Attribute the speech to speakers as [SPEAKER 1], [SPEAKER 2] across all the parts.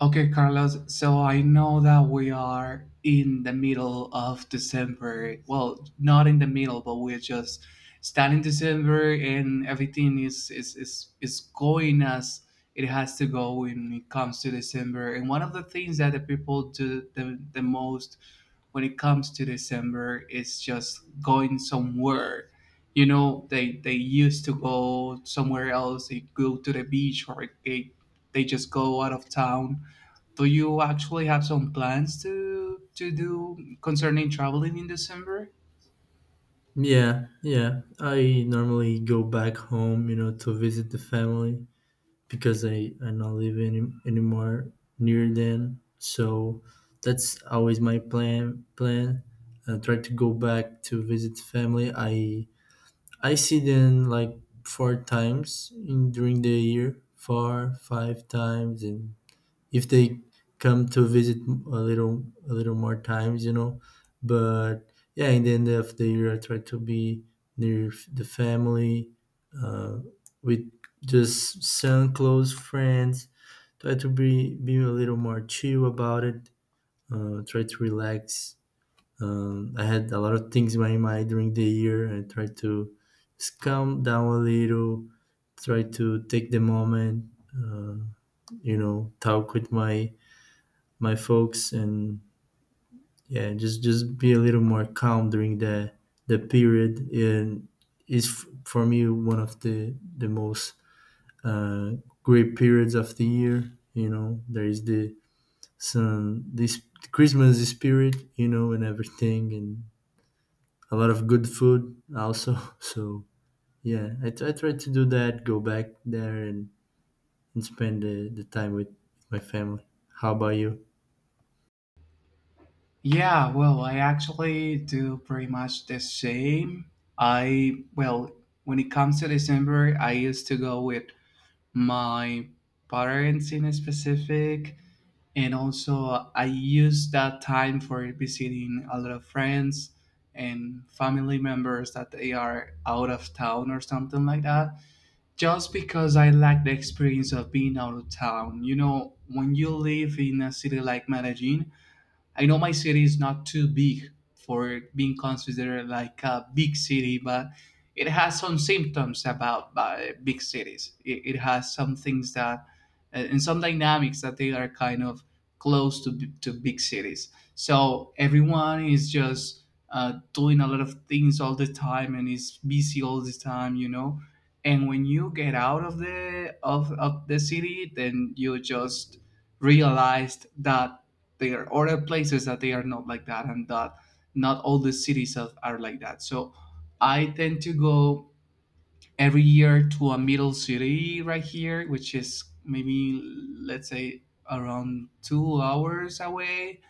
[SPEAKER 1] Okay, Carlos. So I know that we are in the middle of December. Well, not in the middle, but we're just starting December, and everything is going as it has to go when it comes to December. And one of the things that the people do the most when it comes to December is just going somewhere. You know, they used to go somewhere else. They go to the beach, or they just go out of town. Do you actually have some plans to do concerning traveling in December?
[SPEAKER 2] Yeah, yeah. I normally go back home, you know, to visit the family because I not live anymore near them. So that's always my plan. I try to go back to visit family. I see them like four times in during the year, four five times, and if they come to visit a little more times, you know. But yeah, in the end of the year, I try to be near the family, uh, with just some close friends. Try to be a little more chill about it. Try to relax. I had a lot of things in my mind during the year. I tried to just calm down a little. Try to take the moment. uh, you know, talk with my folks. And yeah, just be a little more calm during the period. And is for me one of the most uh, great periods of the year. You know, there is the some this Christmas spirit, you know, and everything. And a lot of good food also, so yeah, I try to do that. Go back there, and spend the time with my family. How about you?
[SPEAKER 1] Yeah, well, I actually do pretty much the same. I, well, when it comes to December, I used to go with my parents in specific, and also I use that time for visiting a lot of friends and family members that they are out of town or something like that. Just because I lack the experience of being out of town. You know, when you live in a city like Medellin, I know my city is not too big for being considered like a big city, but it has some symptoms about big cities. It has some things that, and some dynamics that they are kind of close to, to big cities. So everyone is just doing a lot of things all the time and is busy all the time, you know. And when you get out of the of the city, then you just realized that there are other places that they are not like that and that not all the cities are like that, so I tend to go every year to a middle city right here, which is maybe, let's say, around 2 hours away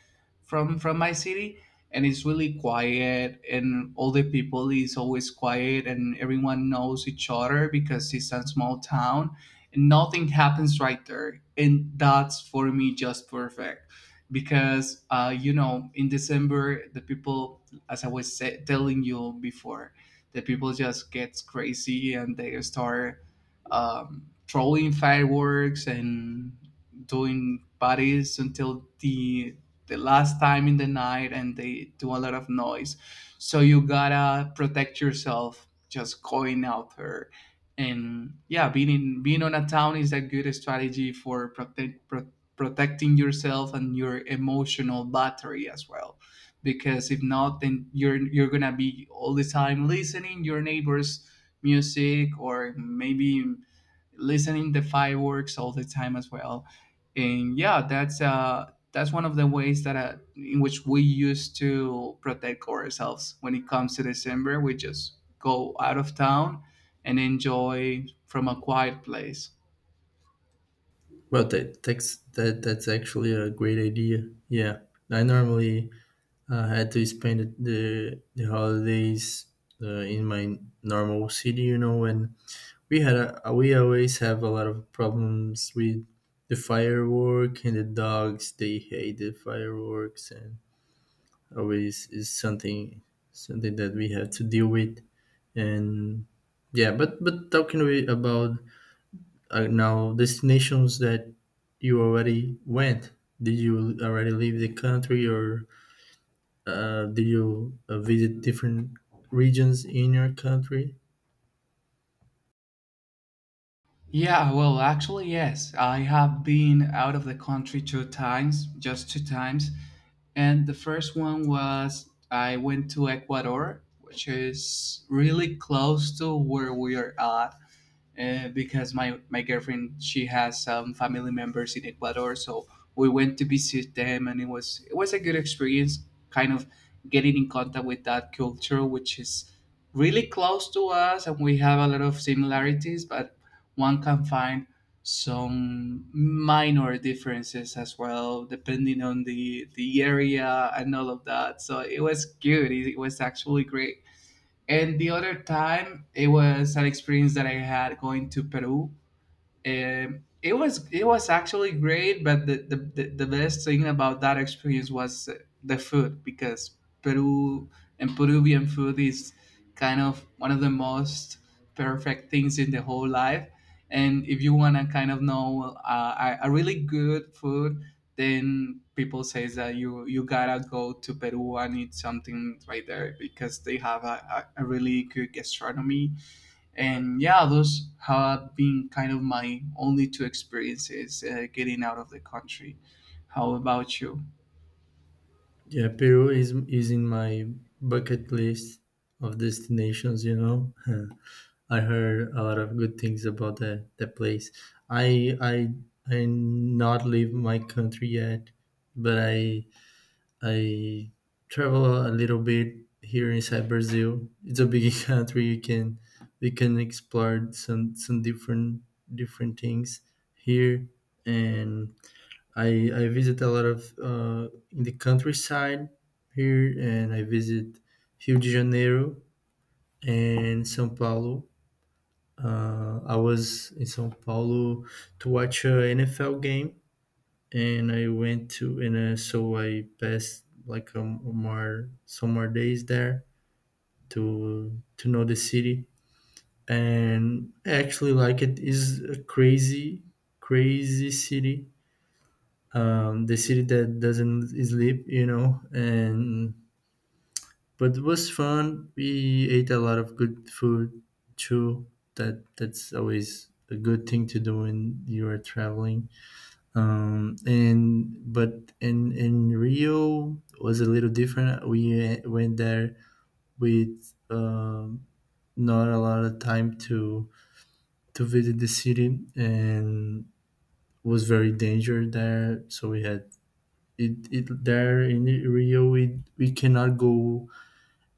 [SPEAKER 1] from my city, and it's really quiet, and all the people is always quiet, and everyone knows each other because it's a small town, and nothing happens right there, and that's for me just perfect. Because you know, in December, the people, as I was telling you before, the people just gets crazy and they start throwing fireworks and doing parties until the last time in the night, and they do a lot of noise. So you gotta protect yourself just going out there. And yeah, being on a town is a good strategy for protecting yourself and your emotional battery as well, because if not, then you're gonna be all the time listening your neighbors' music, or maybe listening the fireworks all the time as well. And yeah, that's one of the ways that in which we used to protect ourselves when it comes to December. We just go out of town and enjoy from a quiet place.
[SPEAKER 2] Well, that's actually a great idea. Yeah, I normally had to spend the holidays in my normal city, you know. And we always have a lot of problems with the firework and the dogs. They hate the fireworks, and always is something that we have to deal with. And yeah, but talking, about, now, destinations that you already went. Did you already leave the country, or did you visit different regions in your country?
[SPEAKER 1] Yeah, well, actually, yes. I have been out of the country two times, just two times. And the first one was I went to Ecuador, which is really close to where we are at, because my girlfriend, she has some family members in Ecuador, so we went to visit them, and it was a good experience, kind of getting in contact with that culture, which is really close to us, and we have a lot of similarities, but one can find some minor differences as well, depending on the area and all of that. So it was good. It was actually great. And the other time, it was an experience that I had going to Peru. It was, it was actually great, but the best thing about that experience was, the food. Because Peru and Peruvian food is kind of one of the most perfect things in the whole life. And if you want to kind of know, a really good food, then people says that you gotta go to Peru and eat something right there, because they have a really good gastronomy. And yeah, those have been kind of my only two experiences getting out of the country. How about you?
[SPEAKER 2] Yeah, Peru is in my bucket list of destinations. You know, I heard a lot of good things about that place. I I I not leave my country yet, but I travel a little bit here inside Brazil. It's a big country. You can We can explore some different things here. And I visit a lot of, in the countryside here. And I visit Rio de Janeiro and São Paulo. I was in São Paulo to watch a NFL game, and I went to and so I passed like a more some more days there to know the city. And I actually like, it is a crazy city. The city that doesn't sleep, you know. And but it was fun. We ate a lot of good food too. That's always a good thing to do when you are traveling. And but in Rio was a little different. We went there with, not a lot of time to visit the city. And was very danger there. So we had it, it there in Rio. We cannot go,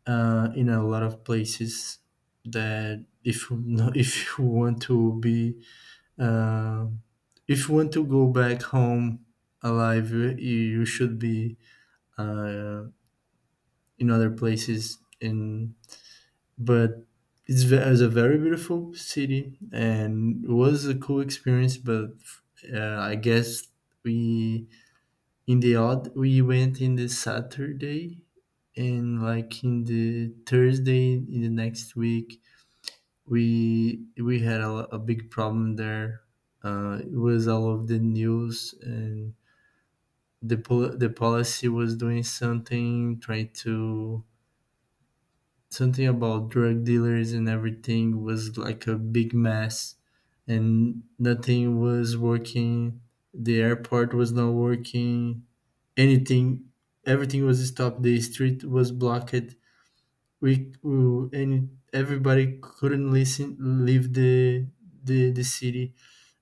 [SPEAKER 2] in a lot of places, that if if you want to be, uh, if you want to go back home alive, you should be, uh, in other places in. But it's it's a very beautiful city, and it was a cool experience. But I guess, we we went in the Saturday. And like, in the Thursday in the next week, we had a big problem there. It was all of the news. And the policy was doing something, trying to something about drug dealers, and everything was like a big mess. And nothing was working. The airport was not working. Anything. Everything was stopped. The street was blocked. We and everybody couldn't listen leave the city.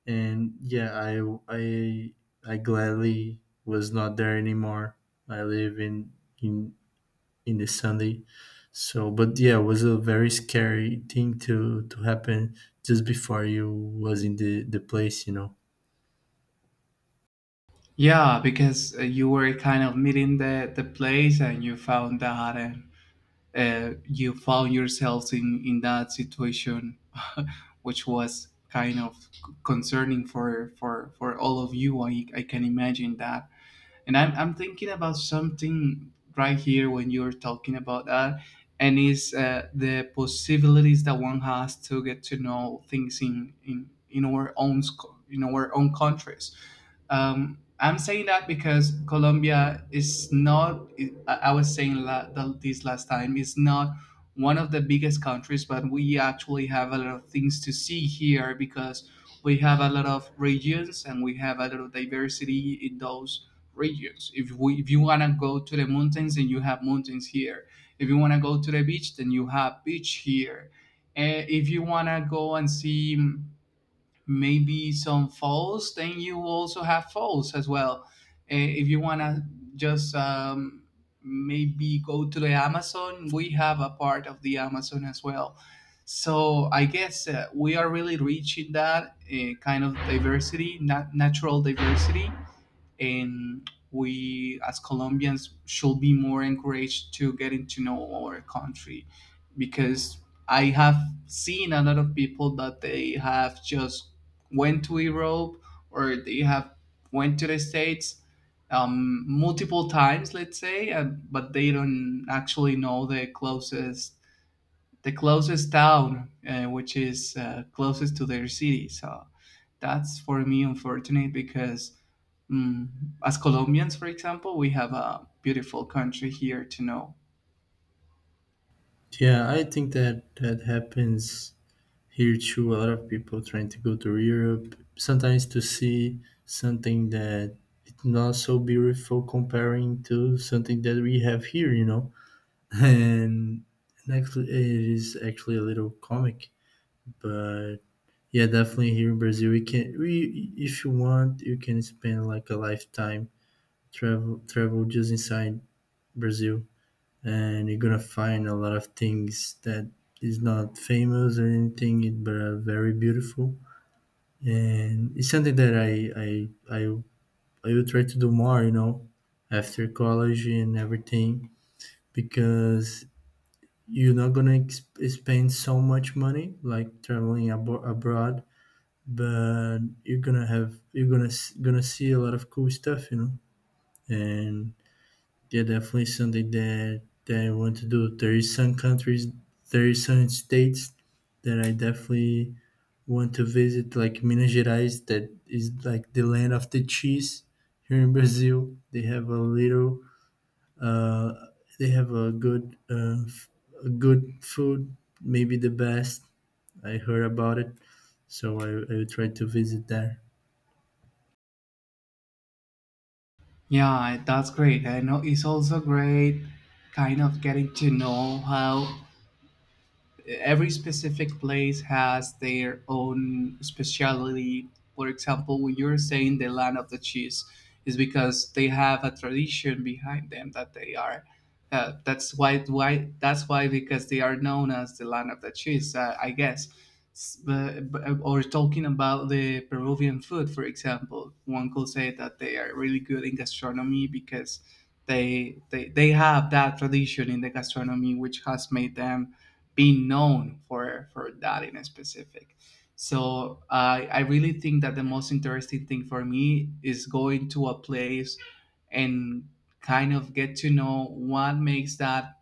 [SPEAKER 2] And yeah, i I gladly was not there anymore. I live in in the Sunday. So, but yeah, it was a very scary thing to happen just before you was in the place, you know.
[SPEAKER 1] Yeah, because you were kind of meeting the place and you found that, and you found yourselves in that situation, which was kind of concerning for all of you. I can imagine that. And I'm thinking about something right here when you're talking about that, and is the possibilities that one has to get to know things in our own in our own countries. I'm saying that because Colombia is not, I was saying this last time, is not one of the biggest countries, but we actually have a lot of things to see here, because we have a lot of regions and we have a lot of diversity in those regions. If you want to go to the mountains, then you have mountains here. If you want to go to the beach, then you have beach here. Eh, if you want to go and see maybe some falls, then you also have falls as well. Eh, if you want to just maybe go to the Amazon, we have a part of the Amazon as well. So I guess we are really rich in that, kind of diversity, natural diversity. And we, as Colombians, should be more encouraged to getting to know our country, because I have seen a lot of people that they have just went to Europe, or they have went to the States multiple times, let's say, but they don't actually know the closest, the closest town, which is closest to their city. So that's for me unfortunate because, mm, as Colombians, for example, we have a beautiful country here to know.
[SPEAKER 2] Yeah, I think that that happens here too. A lot of people trying to go to Europe sometimes to see something that it's not so beautiful comparing to something that we have here, you know. And, and actually, it is actually a little comic. But yeah, definitely, here in Brazil, we can, we if you want, you can spend like a lifetime travel just inside Brazil. And you're gonna find a lot of things that is not famous or anything, but are very beautiful. And it's something that I I I will try to do more, you know, after college and everything. Because you're not gonna spend so much money like traveling, abroad. But gonna see a lot of cool stuff, you know. And yeah, definitely something that, I want to do. There is some countries, there is some states that I definitely want to visit, like Minas Gerais, that is like the land of the cheese here in Brazil. Uh, they have a good, a good food, maybe the best. I heard about it. So I will try to visit there.
[SPEAKER 1] Yeah, that's great. I know it's also great kind of getting to know how every specific place has their own speciality. For example, when you're saying the land of the cheese, is because they have a tradition behind them that they are. That's why. Why that's why, because they are known as the land of the cheese. I guess. Or talking about the Peruvian food, for example, one could say that they are really good in gastronomy because they have that tradition in the gastronomy, which has made them being known for that in specific. So I really think that the most interesting thing for me is going to a place and kind of get to know what makes that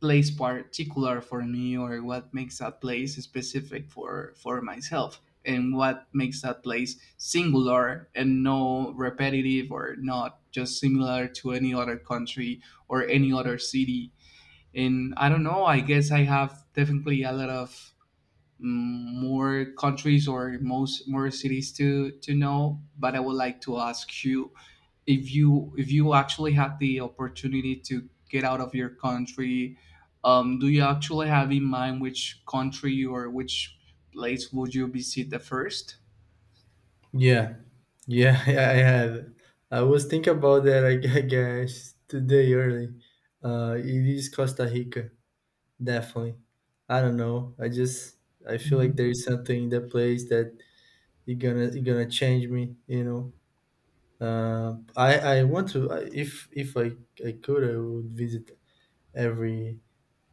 [SPEAKER 1] place particular for me, or what makes that place specific for myself, and what makes that place singular and no repetitive, or not just similar to any other country or any other city in. I don't know, I guess I have definitely a lot of, mm, more countries or most more cities to know. But I would like to ask you, if you, if you actually had the opportunity to get out of your country, do you actually have in mind which country or which place would you visit the 1st?
[SPEAKER 2] Yeah, yeah, yeah, I had. I was thinking about that, I guess, today early. It is Costa Rica, definitely. I don't know. I feel like there is something in that place that you're gonna change me. You know. I want to, if I could, I would visit every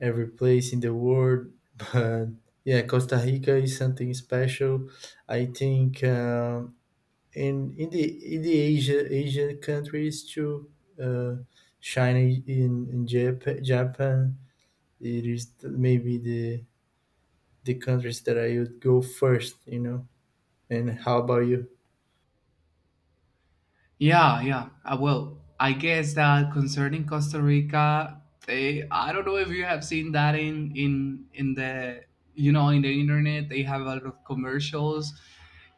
[SPEAKER 2] every place in the world. But yeah, Costa Rica is something special. I think. And in the Asian countries too. uh, China, in Japan. It is maybe the countries that I would go first, you know. And how about you?
[SPEAKER 1] Yeah, yeah. Well, I guess that concerning Costa Rica, they, I don't know if you have seen that in the, you know, in the internet. They have a lot of commercials.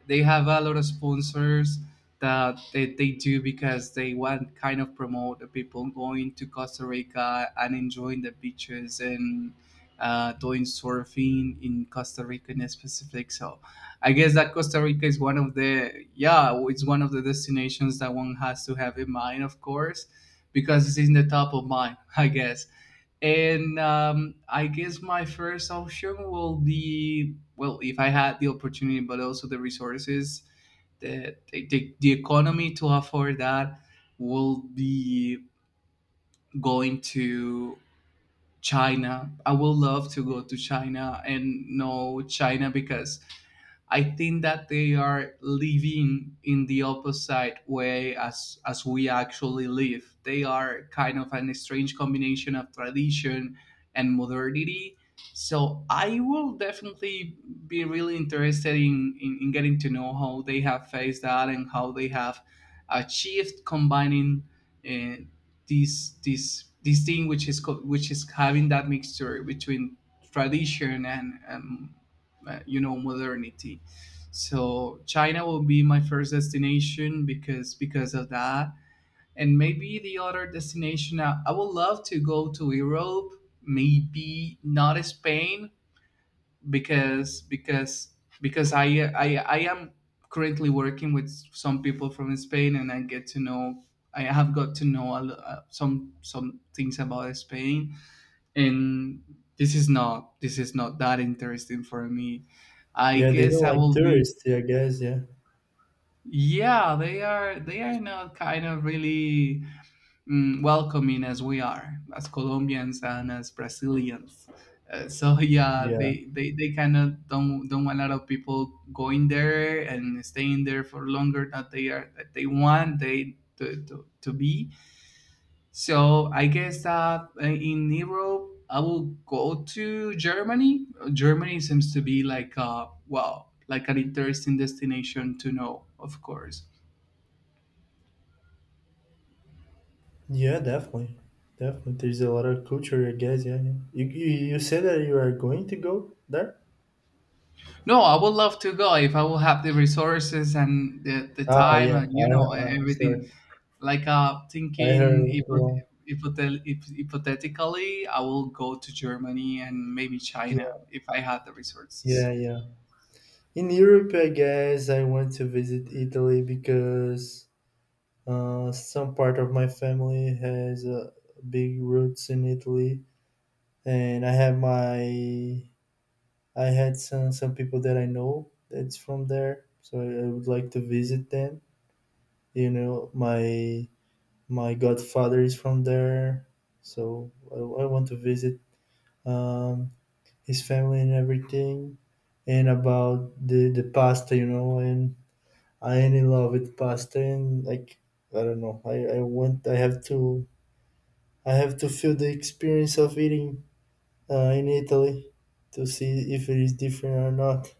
[SPEAKER 1] They have a lot of sponsors that they do because they want kind of promote the people going to Costa Rica and enjoying the beaches and doing surfing in Costa Rica in specific. So I guess that Costa Rica is one of the, yeah, it's one of the destinations that one has to have in mind, of course, because it's in the top of mind, I guess. And I guess my first option will be, well, if I had the opportunity, but also the resources, the economy to afford that, will be going to China. I would love to go to China and know China, because I think that they are living in the opposite way as we actually live. They are kind of an strange combination of tradition and modernity. So I will definitely be really interested in getting to know how they have faced that and how they have achieved combining uh, this thing which is which is having that mixture between tradition and modernity. So china will be my first destination because of that. And maybe the other destination, I would love to go to europe, maybe not spain, because because because I am currently working with some people from spain, and I get to know, I have got to know some things about spain, and this is not that interesting for me. I
[SPEAKER 2] Yeah, they
[SPEAKER 1] guess
[SPEAKER 2] don't
[SPEAKER 1] I
[SPEAKER 2] like
[SPEAKER 1] will be.
[SPEAKER 2] tourists, I guess. Yeah,
[SPEAKER 1] Yeah, they are not kind of really, welcoming as we are, as colombians and as brazilians. So, yeah,
[SPEAKER 2] yeah,
[SPEAKER 1] they kind of don't want a lot of people going there and staying there for longer than they are, that they want they to be. So I guess that in Europe, I will go to Germany. Germany seems to be like a wow, like an interesting destination to know, of course.
[SPEAKER 2] yeah, definitely, definitely. There's a lot of culture, I guess. Yeah, yeah. You said that you are going to go there.
[SPEAKER 1] No, I would love to go if I will have the resources and the
[SPEAKER 2] Ah,
[SPEAKER 1] time
[SPEAKER 2] yeah.
[SPEAKER 1] and you know
[SPEAKER 2] I sorry,
[SPEAKER 1] everything. Like
[SPEAKER 2] I
[SPEAKER 1] thinking
[SPEAKER 2] heard wrong.
[SPEAKER 1] hypothetically, I will go to Germany and maybe
[SPEAKER 2] Yeah,
[SPEAKER 1] China if I had the resources.
[SPEAKER 2] yeah. Yeah. In Europe, I guess I went to visit Italy, because some part of my family has, big roots in Italy. And I have my I had some people that I know that's from there, so I would like to visit them. You know, my godfather is from there. So I want to visit, um, his family and everything. And about the pasta, you know. And I love loved pasta, and like, I don't know. I have to feel the experience of eating, in Italy, to see if it is different or not.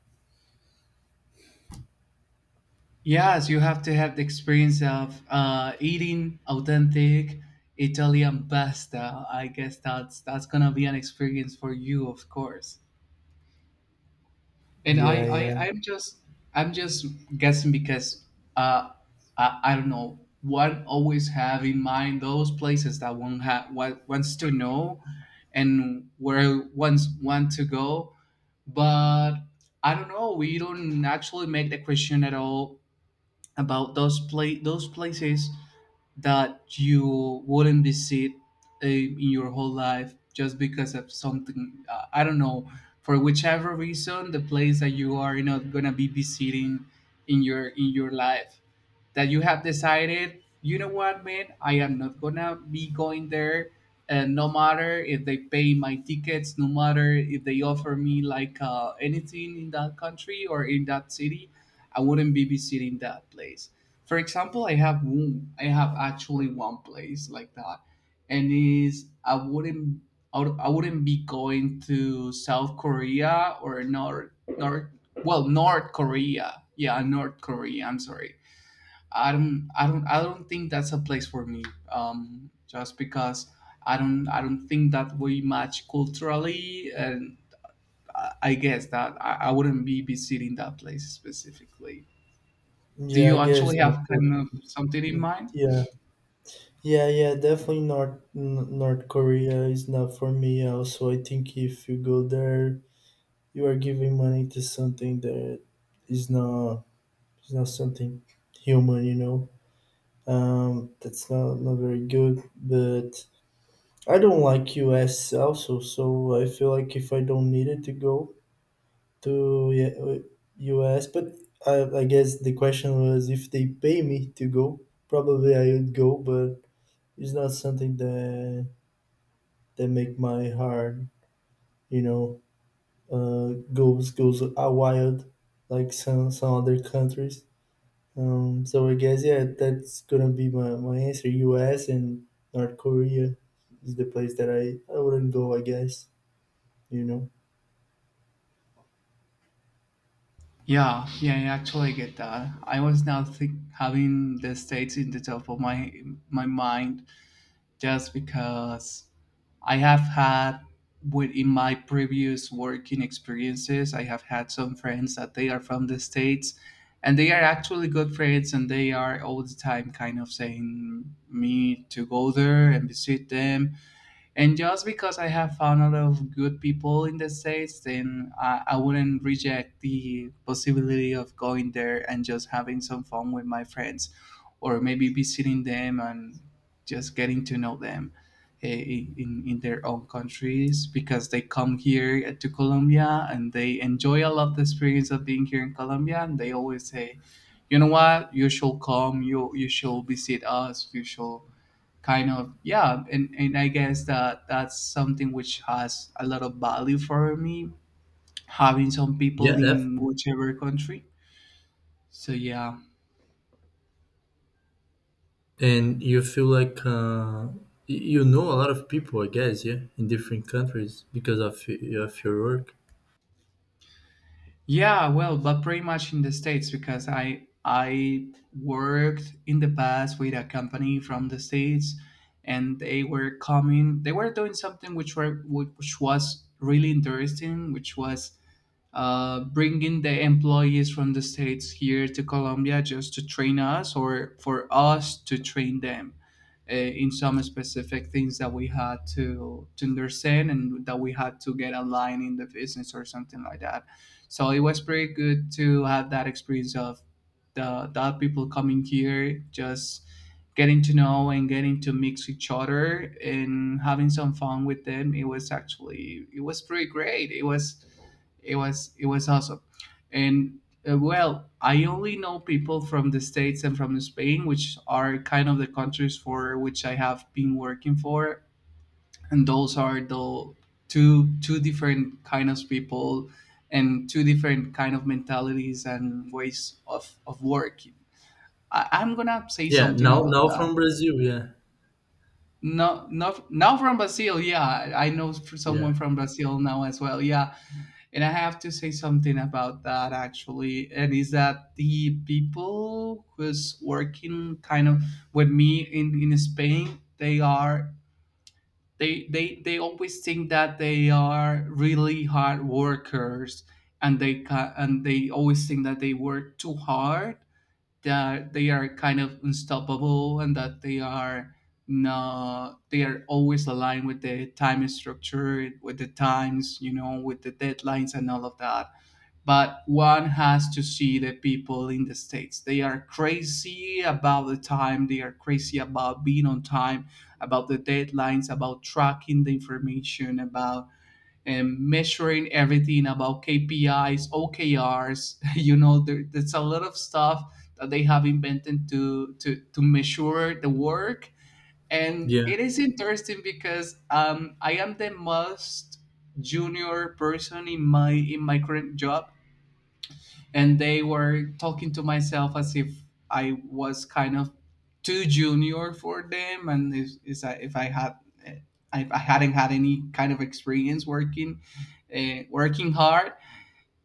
[SPEAKER 1] Yes, you have to have the experience of eating authentic Italian pasta. I guess that's gonna be an experience for you, of course. And
[SPEAKER 2] Yeah, yeah.
[SPEAKER 1] I'm just, I'm just guessing because uh, I don't know. One always have in mind those places that one wants to know and where one's want to go. But I don't know, we don't actually make the question at all about those places that you wouldn't visit in your whole life just because of something, I don't know, for whichever reason, the place that you are not gonna be visiting in your life, that you have decided, you know what, man, I am not gonna be going there. And no matter if they pay my tickets, no matter if they offer me like anything in that country or in that city, I wouldn't be visiting that place. For example, I have actually one place like that, and is I wouldn't, I wouldn't be going to South Korea or North North well North Korea yeah North Korea, I'm sorry. I don't think that's a place for me. Just because I don't think that we match culturally, and I guess that I wouldn't be visiting that place specifically. Do
[SPEAKER 2] Yeah,
[SPEAKER 1] you
[SPEAKER 2] I guess
[SPEAKER 1] actually
[SPEAKER 2] not.
[SPEAKER 1] have kind of something in mind?
[SPEAKER 2] Yeah, yeah, yeah. Definitely, North North Korea is not for me. Also, I think if you go there, you are giving money to something that is not is not something human. You know, that's not not very good. But I don't like US also, so I feel like if I don't need it to go to, yeah, US. But I guess the question was, if they pay me to go, probably I would go, but it's not something that make my heart, you know, goes, wild, like some other countries. So I guess, yeah, that's gonna be my answer. US and North Korea is the place that I wouldn't go, I guess, you know.
[SPEAKER 1] Yeah, yeah, I actually get that. I was now think, having the states in the top of my my mind, just because I have had, within my previous working experiences, I have had some friends that they are from the States, and they are actually good friends, and they are all the time kind of saying me to go there and visit them. And just because I have found a lot of good people in the States, then I wouldn't reject the possibility of going there and just having some fun with my friends, or maybe visiting them and just getting to know them, eh, in their own countries, because they come here to Colombia and they enjoy a lot the experience of being here in Colombia. And they always say, you know what, you should come, you should visit us, you should kind of. Yeah, and I guess that that's something which has a lot of value for me, having some
[SPEAKER 2] Yeah,
[SPEAKER 1] people
[SPEAKER 2] def.
[SPEAKER 1] in whichever country. So yeah.
[SPEAKER 2] And you feel like, you know a lot of people, I guess, yeah, in different countries, because of of your work.
[SPEAKER 1] Yeah, well, but pretty much in the states, because i worked in the past with a company from the states, and they were coming, they were doing something which were, which was really interesting, which was bringing the employees from the states here to Colombia, just to train us, or for us to train them in some specific things that we had to understand and that we had to get aligned in the business or something like that. So it was pretty good to have that experience of the other people coming here, just getting to know and getting to mix each other and having some fun with them. It was actually, it was pretty great. It was, it was awesome. And well, I only know people from the states and from spain, which are kind of the countries for which I have been working for, and those are the two different kind of people, and two different kind of mentalities and ways of working. I'm gonna say
[SPEAKER 2] Yeah,
[SPEAKER 1] something about
[SPEAKER 2] now
[SPEAKER 1] that.
[SPEAKER 2] from Brazil, yeah.
[SPEAKER 1] No, no, not now from Brazil. Yeah, I know for
[SPEAKER 2] Yeah,
[SPEAKER 1] someone from Brazil now as well. Yeah, and I have to say something about that actually, and is that the people who's working kind of with me in Spain, they are, they always think that they are really hard workers, and and they always think that they work too hard, that they are kind of unstoppable, and that they are not, they are always aligned with the time structure, with the times, you know, with the deadlines and all of that. But one has to see the people in the states, they are crazy about the time, they are crazy about being on time, about the deadlines, about tracking the information about, and measuring everything, about KPIs, OKRs. You know, there's a lot of stuff that they have invented to to measure the work, and
[SPEAKER 2] yeah.
[SPEAKER 1] it is interesting because I am the most junior person in my current job, and they were talking to myself as if I was kind of too junior for them, and if is I, if I had, eh, if I hadn't had any kind of experience working, working hard.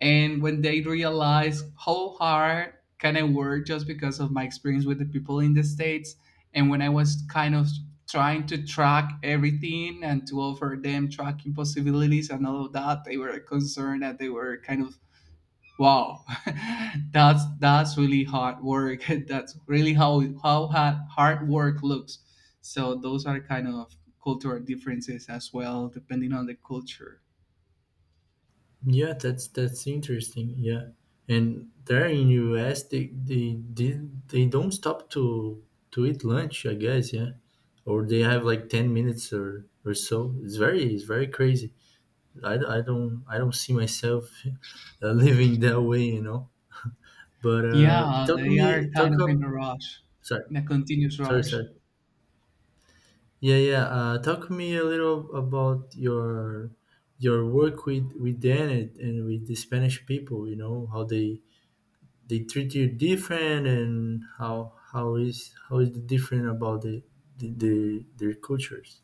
[SPEAKER 1] And when they realized how hard can I work, just because of my experience with the people in the states, and when I was kind of trying to track everything and to offer them tracking possibilities and all of that, they were concerned, that they were kind of, wow, that's really hard work. That's really how hard hard work looks. So those are kind of cultural differences as well, depending on the culture.
[SPEAKER 2] yeah. That's interesting. Yeah, and there in US, they don't stop to eat lunch, I guess, yeah, or they have like 10 minutes, or so. It's very crazy. I don't see myself living that way, you know. But
[SPEAKER 1] Yeah,
[SPEAKER 2] talk
[SPEAKER 1] they
[SPEAKER 2] me,
[SPEAKER 1] are
[SPEAKER 2] talk
[SPEAKER 1] kind of in a
[SPEAKER 2] up.
[SPEAKER 1] rush,
[SPEAKER 2] Sorry,
[SPEAKER 1] in a continuous
[SPEAKER 2] sorry,
[SPEAKER 1] rush.
[SPEAKER 2] sorry. Yeah, yeah. Talk me a little about your work with Dan, and with the Spanish people. You know how they treat you different, and how is the different about the, the their cultures.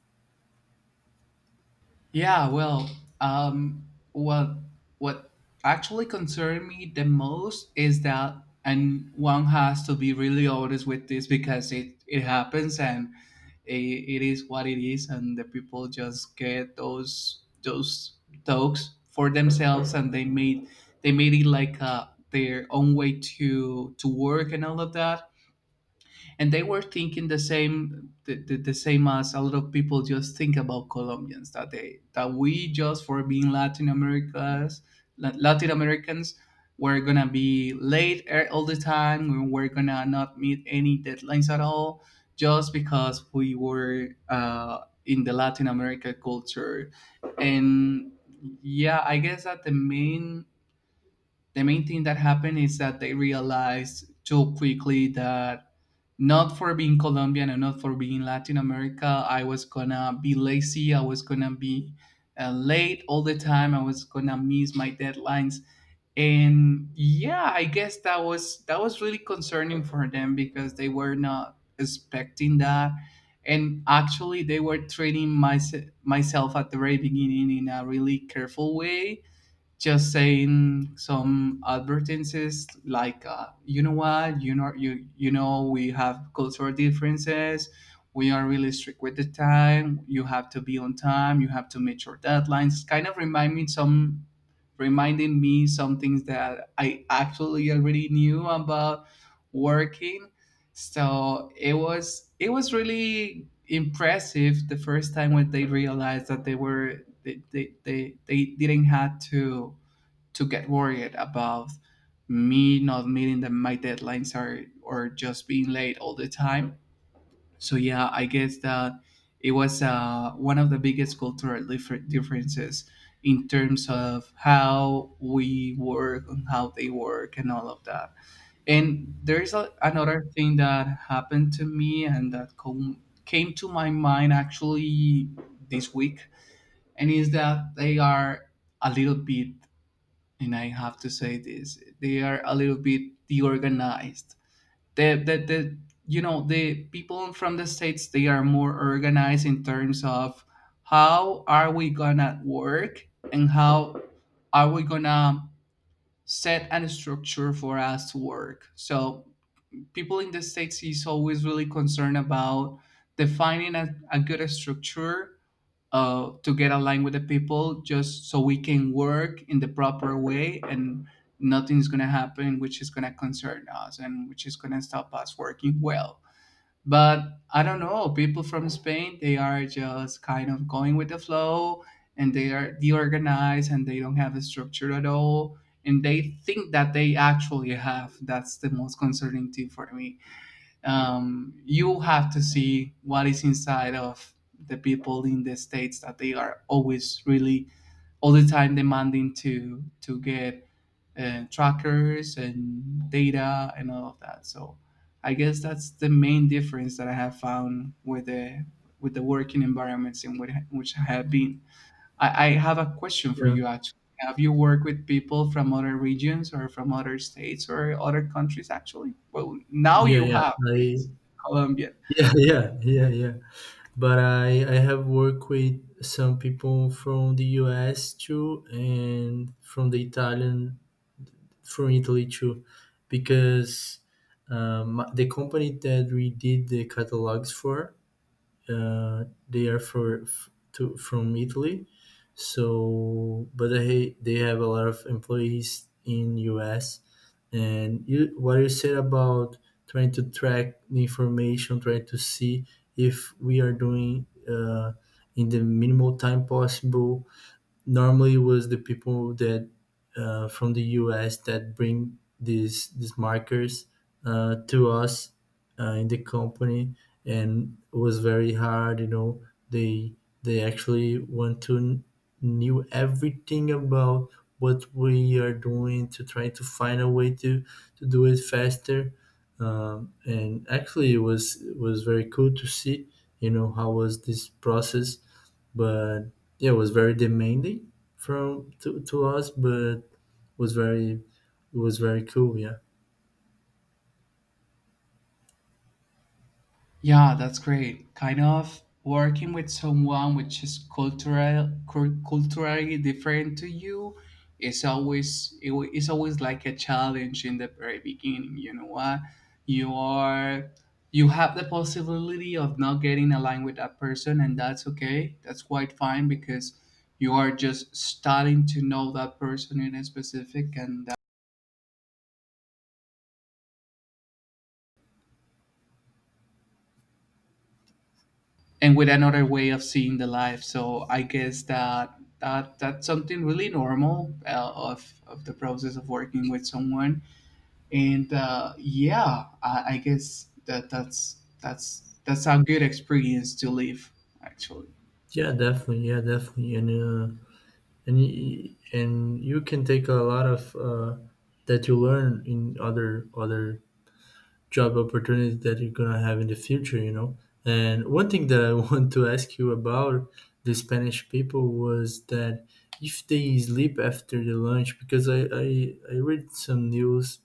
[SPEAKER 1] Yeah, well, um, what what actually concerned me the most is that, and one has to be really honest with this because it happens, and it is what it is, and the people just get those talks for themselves, and they made it like their own way to work and all of that. And they were thinking the same, the same as a lot of people just think about colombians, that they that we, just for being latin americas, latin americans, we're gonna be late all the time, and we're gonna not meet any deadlines at all, just because we were in the latin america culture. And yeah, I guess that the main thing that happened is that they realized too quickly that not for being Colombian and not for being Latin America, I was gonna be lazy. I was gonna be late all the time. I was gonna miss my deadlines. And yeah, I guess that was, that was really concerning for them, because they were not expecting that, and actually they were treating myself at the very beginning in a really careful way, just saying some advertisements like you know what, you know, you know, we have cultural differences, we are really strict with the time, you have to be on time, you have to meet your deadlines. Kind of reminding me some things that I actually already knew about working. So it was, it was really impressive the first time when they realized that they didn't have to get worried about me not meeting the, my deadlines, or just being late all the time. So yeah, I guess that it was one of the biggest cultural differences in terms of how we work and how they work and all of that. And there's another thing that happened to me and came to my mind actually this week. And is that they are a little bit, and I have to say this, they are a little bit deorganized. The You know, the people from the states, they are more organized in terms of how are we gonna work and how are we gonna set a structure for us to work. So people in the states is always really concerned about defining a good structure to get aligned with the people just so we can work in the proper way and nothing's going to happen which is going to concern us and which is going to stop us working well. But I don't know, people from Spain, they are just kind of going with the flow and they are deorganized and they don't have a structure at all. And they think that they actually have, that's the most concerning thing for me. You have to see what is inside of the people in the states, that they are always really all the time demanding to get trackers and data and all of that. So I guess that's the main difference that I have found with the working environments which I have been. I have a question for
[SPEAKER 2] Yeah,
[SPEAKER 1] you actually. Have you worked with people from other regions or from other states or other countries actually? Well, now
[SPEAKER 2] yeah,
[SPEAKER 1] you
[SPEAKER 2] yeah.
[SPEAKER 1] have
[SPEAKER 2] I
[SPEAKER 1] Colombia.
[SPEAKER 2] Yeah, yeah, yeah, yeah. But I have worked with some people from the U.S. too, and from the Italian from Italy too. Because the company that we did the catalogs for, they are from Italy. So, but they have a lot of employees in US. And you, what you said about trying to track the information, trying to see if we are doing, in the minimal time possible, normally it was the people that, from the US, that bring these markers, to us, in the company. And it was very hard, you know. they they actually want to, knew everything about what we are doing, to try to find a way to do it faster. And actually, it was very cool to see, you know, how was this process. But yeah, it was very demanding from to us, but was very it was very cool. Yeah,
[SPEAKER 1] Yeah, that's great. Kind of working with someone which is culturally different to you is always it's always like a challenge in the very beginning. You know what? You are you have the possibility of not getting aligned with that person, and that's okay. That's quite fine because you are just starting to know that person in a specific and with another way of seeing the life. So I guess that that's something really normal of the process of working with someone. And yeah, I guess that that's a good experience to live actually.
[SPEAKER 2] yeah, definitely, and and you can take a lot of, that you learn in other job opportunities that you're gonna have in the future. You know. And one thing that I want to ask you about the Spanish people was that, if they sleep after the lunch, because I read some news,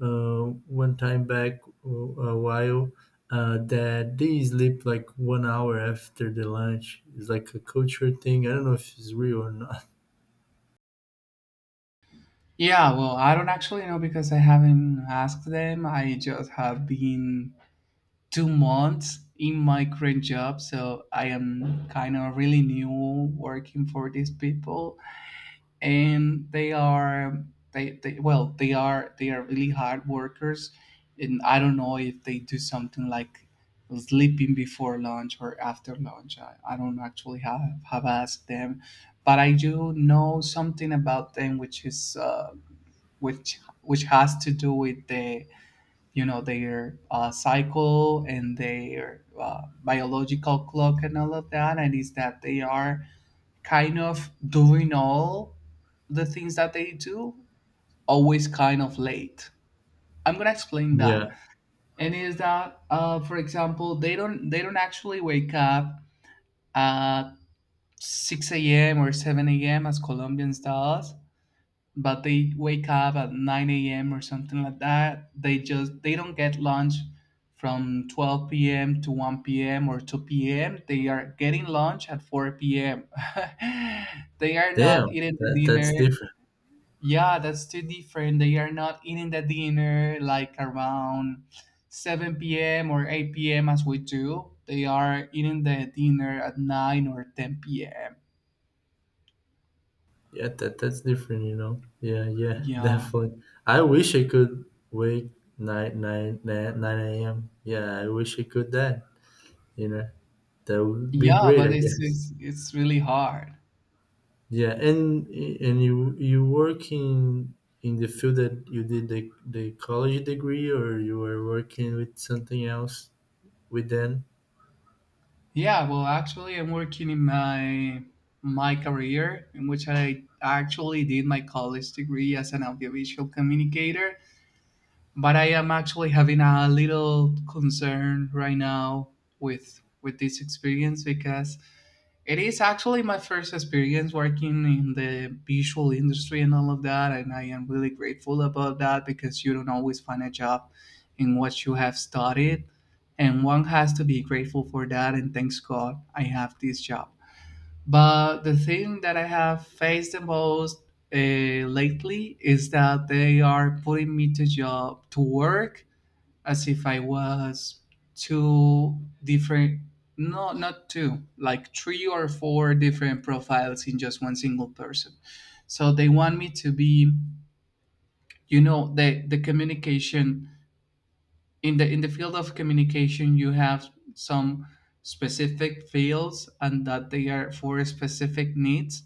[SPEAKER 2] one time back, a while, that they sleep like 1 hour after the lunch. It's like a culture thing. I don't know if it's real or not.
[SPEAKER 1] Yeah, well, I don't actually know because I haven't asked them. I just have been 2 months in my current job, so I am kind of really new working for these people. And they are, they they are, they are really hard workers, and I don't know if they do something like sleeping before lunch or after lunch. I don't actually have asked them. But I do know something about them, which is which has to do with the, you know, their cycle and their biological clock and all of that. And is that they are kind of doing all the things that they do always kind of late. I'm gonna explain that,
[SPEAKER 2] Yeah.
[SPEAKER 1] and is that, for example, they don't actually wake up at 6 a.m. or 7 a.m. as Colombians does, but they wake up at 9 a.m. or something like that. They don't get lunch from 12 p.m. to 1 p.m. or 2 p.m. They are getting lunch at 4 p.m. They are not
[SPEAKER 2] Damn.
[SPEAKER 1] eating the dinner.
[SPEAKER 2] That's different.
[SPEAKER 1] Yeah, that's too different. They are not eating the dinner like around 7 p.m. or 8 p.m. as we do. They are eating the dinner at 9 or 10 p.m.
[SPEAKER 2] Yeah, that's different, you know. Yeah, yeah,
[SPEAKER 1] Yeah.
[SPEAKER 2] definitely. I wish I could wake nine AM. Yeah, I wish I could that, you know. That would be
[SPEAKER 1] Yeah,
[SPEAKER 2] great,
[SPEAKER 1] but
[SPEAKER 2] I guess.
[SPEAKER 1] it's really hard.
[SPEAKER 2] Yeah, and you work in the field that you did the college degree, or you were working with something else with them.
[SPEAKER 1] Yeah, well, actually, I'm working in my my career in which I actually did my college degree as an audiovisual communicator. But I am actually having a little concern right now with this experience because it is actually my first experience working in the visual industry and all of that, and I am really grateful about that because you don't always find a job in what you have studied, and one has to be grateful for that, and thanks God I have this job. But the thing that I have faced the most uh, lately is that they are putting me to job to work as if I was two different, no, not two, like three or four different profiles in just one single person. So they want me to be, you know, the communication, in the field of communication you have some specific fields and that they are for specific needs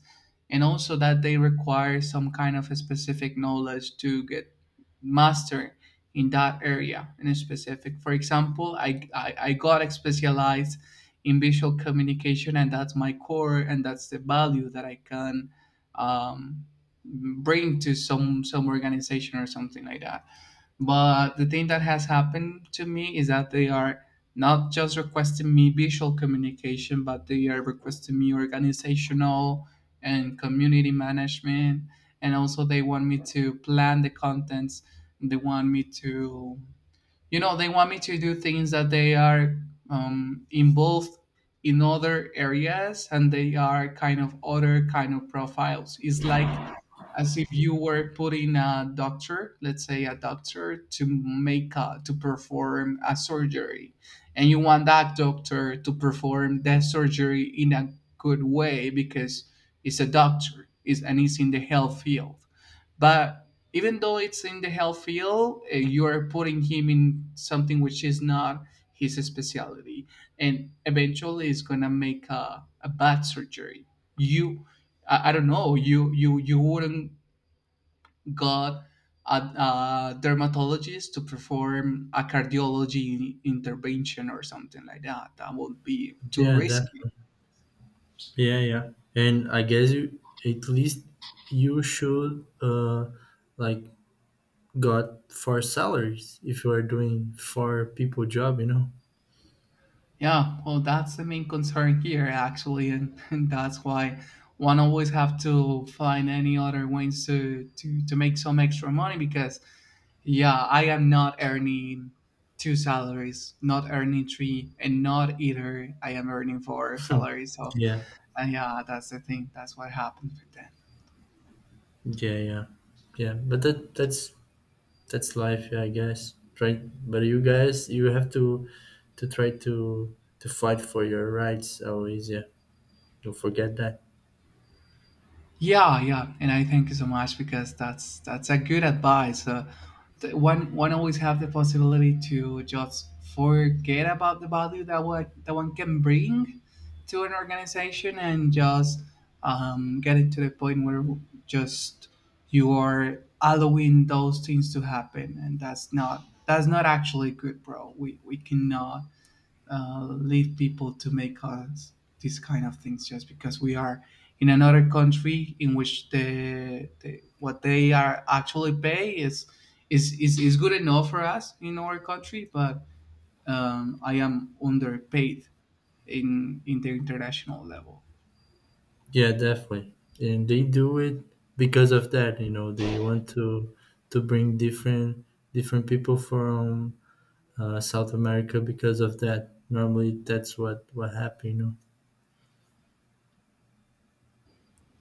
[SPEAKER 1] and also that they require some kind of a specific knowledge to get master in that area in a specific. For example, I I got specialized in visual communication, and that's my core, and that's the value that I can um, bring to some organization or something like that. But the thing that has happened to me is that they are not just requesting me visual communication, but they are requesting me organizational and community management. And also, they want me to plan the contents. They want me to, you know, they want me to do things that they are involved in other areas and they are kind of other kind of profiles. It's like as if you were putting a doctor, let's say a doctor, to to perform a surgery, and you want that doctor to perform that surgery in a good way because it's a doctor is and it's in the health field. But even though it's in the health field, you are putting him in something which is not his specialty, and eventually it's gonna make a bad surgery. You, I don't know, you you wouldn't got a dermatologist to perform a cardiology intervention or something like that. That would be too
[SPEAKER 2] Yeah, that.
[SPEAKER 1] risky.
[SPEAKER 2] Yeah, yeah. And I guess you, at least you should, like, got four salaries if you are doing four people job, you know.
[SPEAKER 1] Yeah, well, that's the main concern here, actually, and and that's why one always have to find any other ways to to make some extra money because, yeah, I am not earning two salaries, not earning three, and not either I am earning four salaries. So,
[SPEAKER 2] Yeah,
[SPEAKER 1] yeah, that's the thing. That's what happened with that.
[SPEAKER 2] yeah, yeah, yeah. But that's life. Yeah, I guess, try. But you guys, you have to try to fight for your rights, always. Yeah, don't forget that.
[SPEAKER 1] Yeah, yeah, and I thank you so much because that's a good advice. One always have the possibility to just forget about the value that what that one can bring to an organization and just get it to the point where just you are allowing those things to happen, and that's not actually good, bro. We cannot leave people to make us these kind of things just because we are in another country in which the what they are actually pay is, is good enough for us in our country, but I am underpaid in the international level.
[SPEAKER 2] Yeah, definitely. And they do it because of that. You know, they want to bring different people from, South America. Because of that, normally, that's what happened, you know.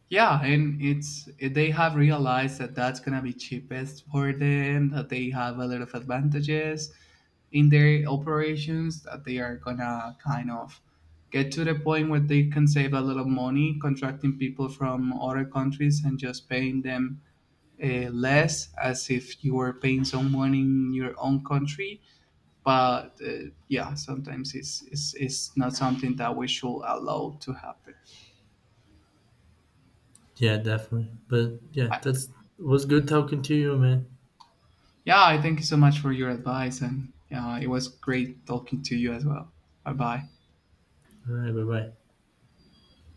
[SPEAKER 1] Yeah, and it's they have realized that that's gonna be cheapest for them, that they have a lot of advantages in their operations, that they are gonna kind of get to the point where they can save a lot of money contracting people from other countries and just paying them less, as if you were paying someone in your own country. But yeah, sometimes it's not something that we should allow to happen.
[SPEAKER 2] Yeah, definitely. But yeah, that's was good talking to you, man.
[SPEAKER 1] Yeah, I thank you so much for your advice, and it was great talking to you as well. Bye bye.
[SPEAKER 2] All right, bye bye.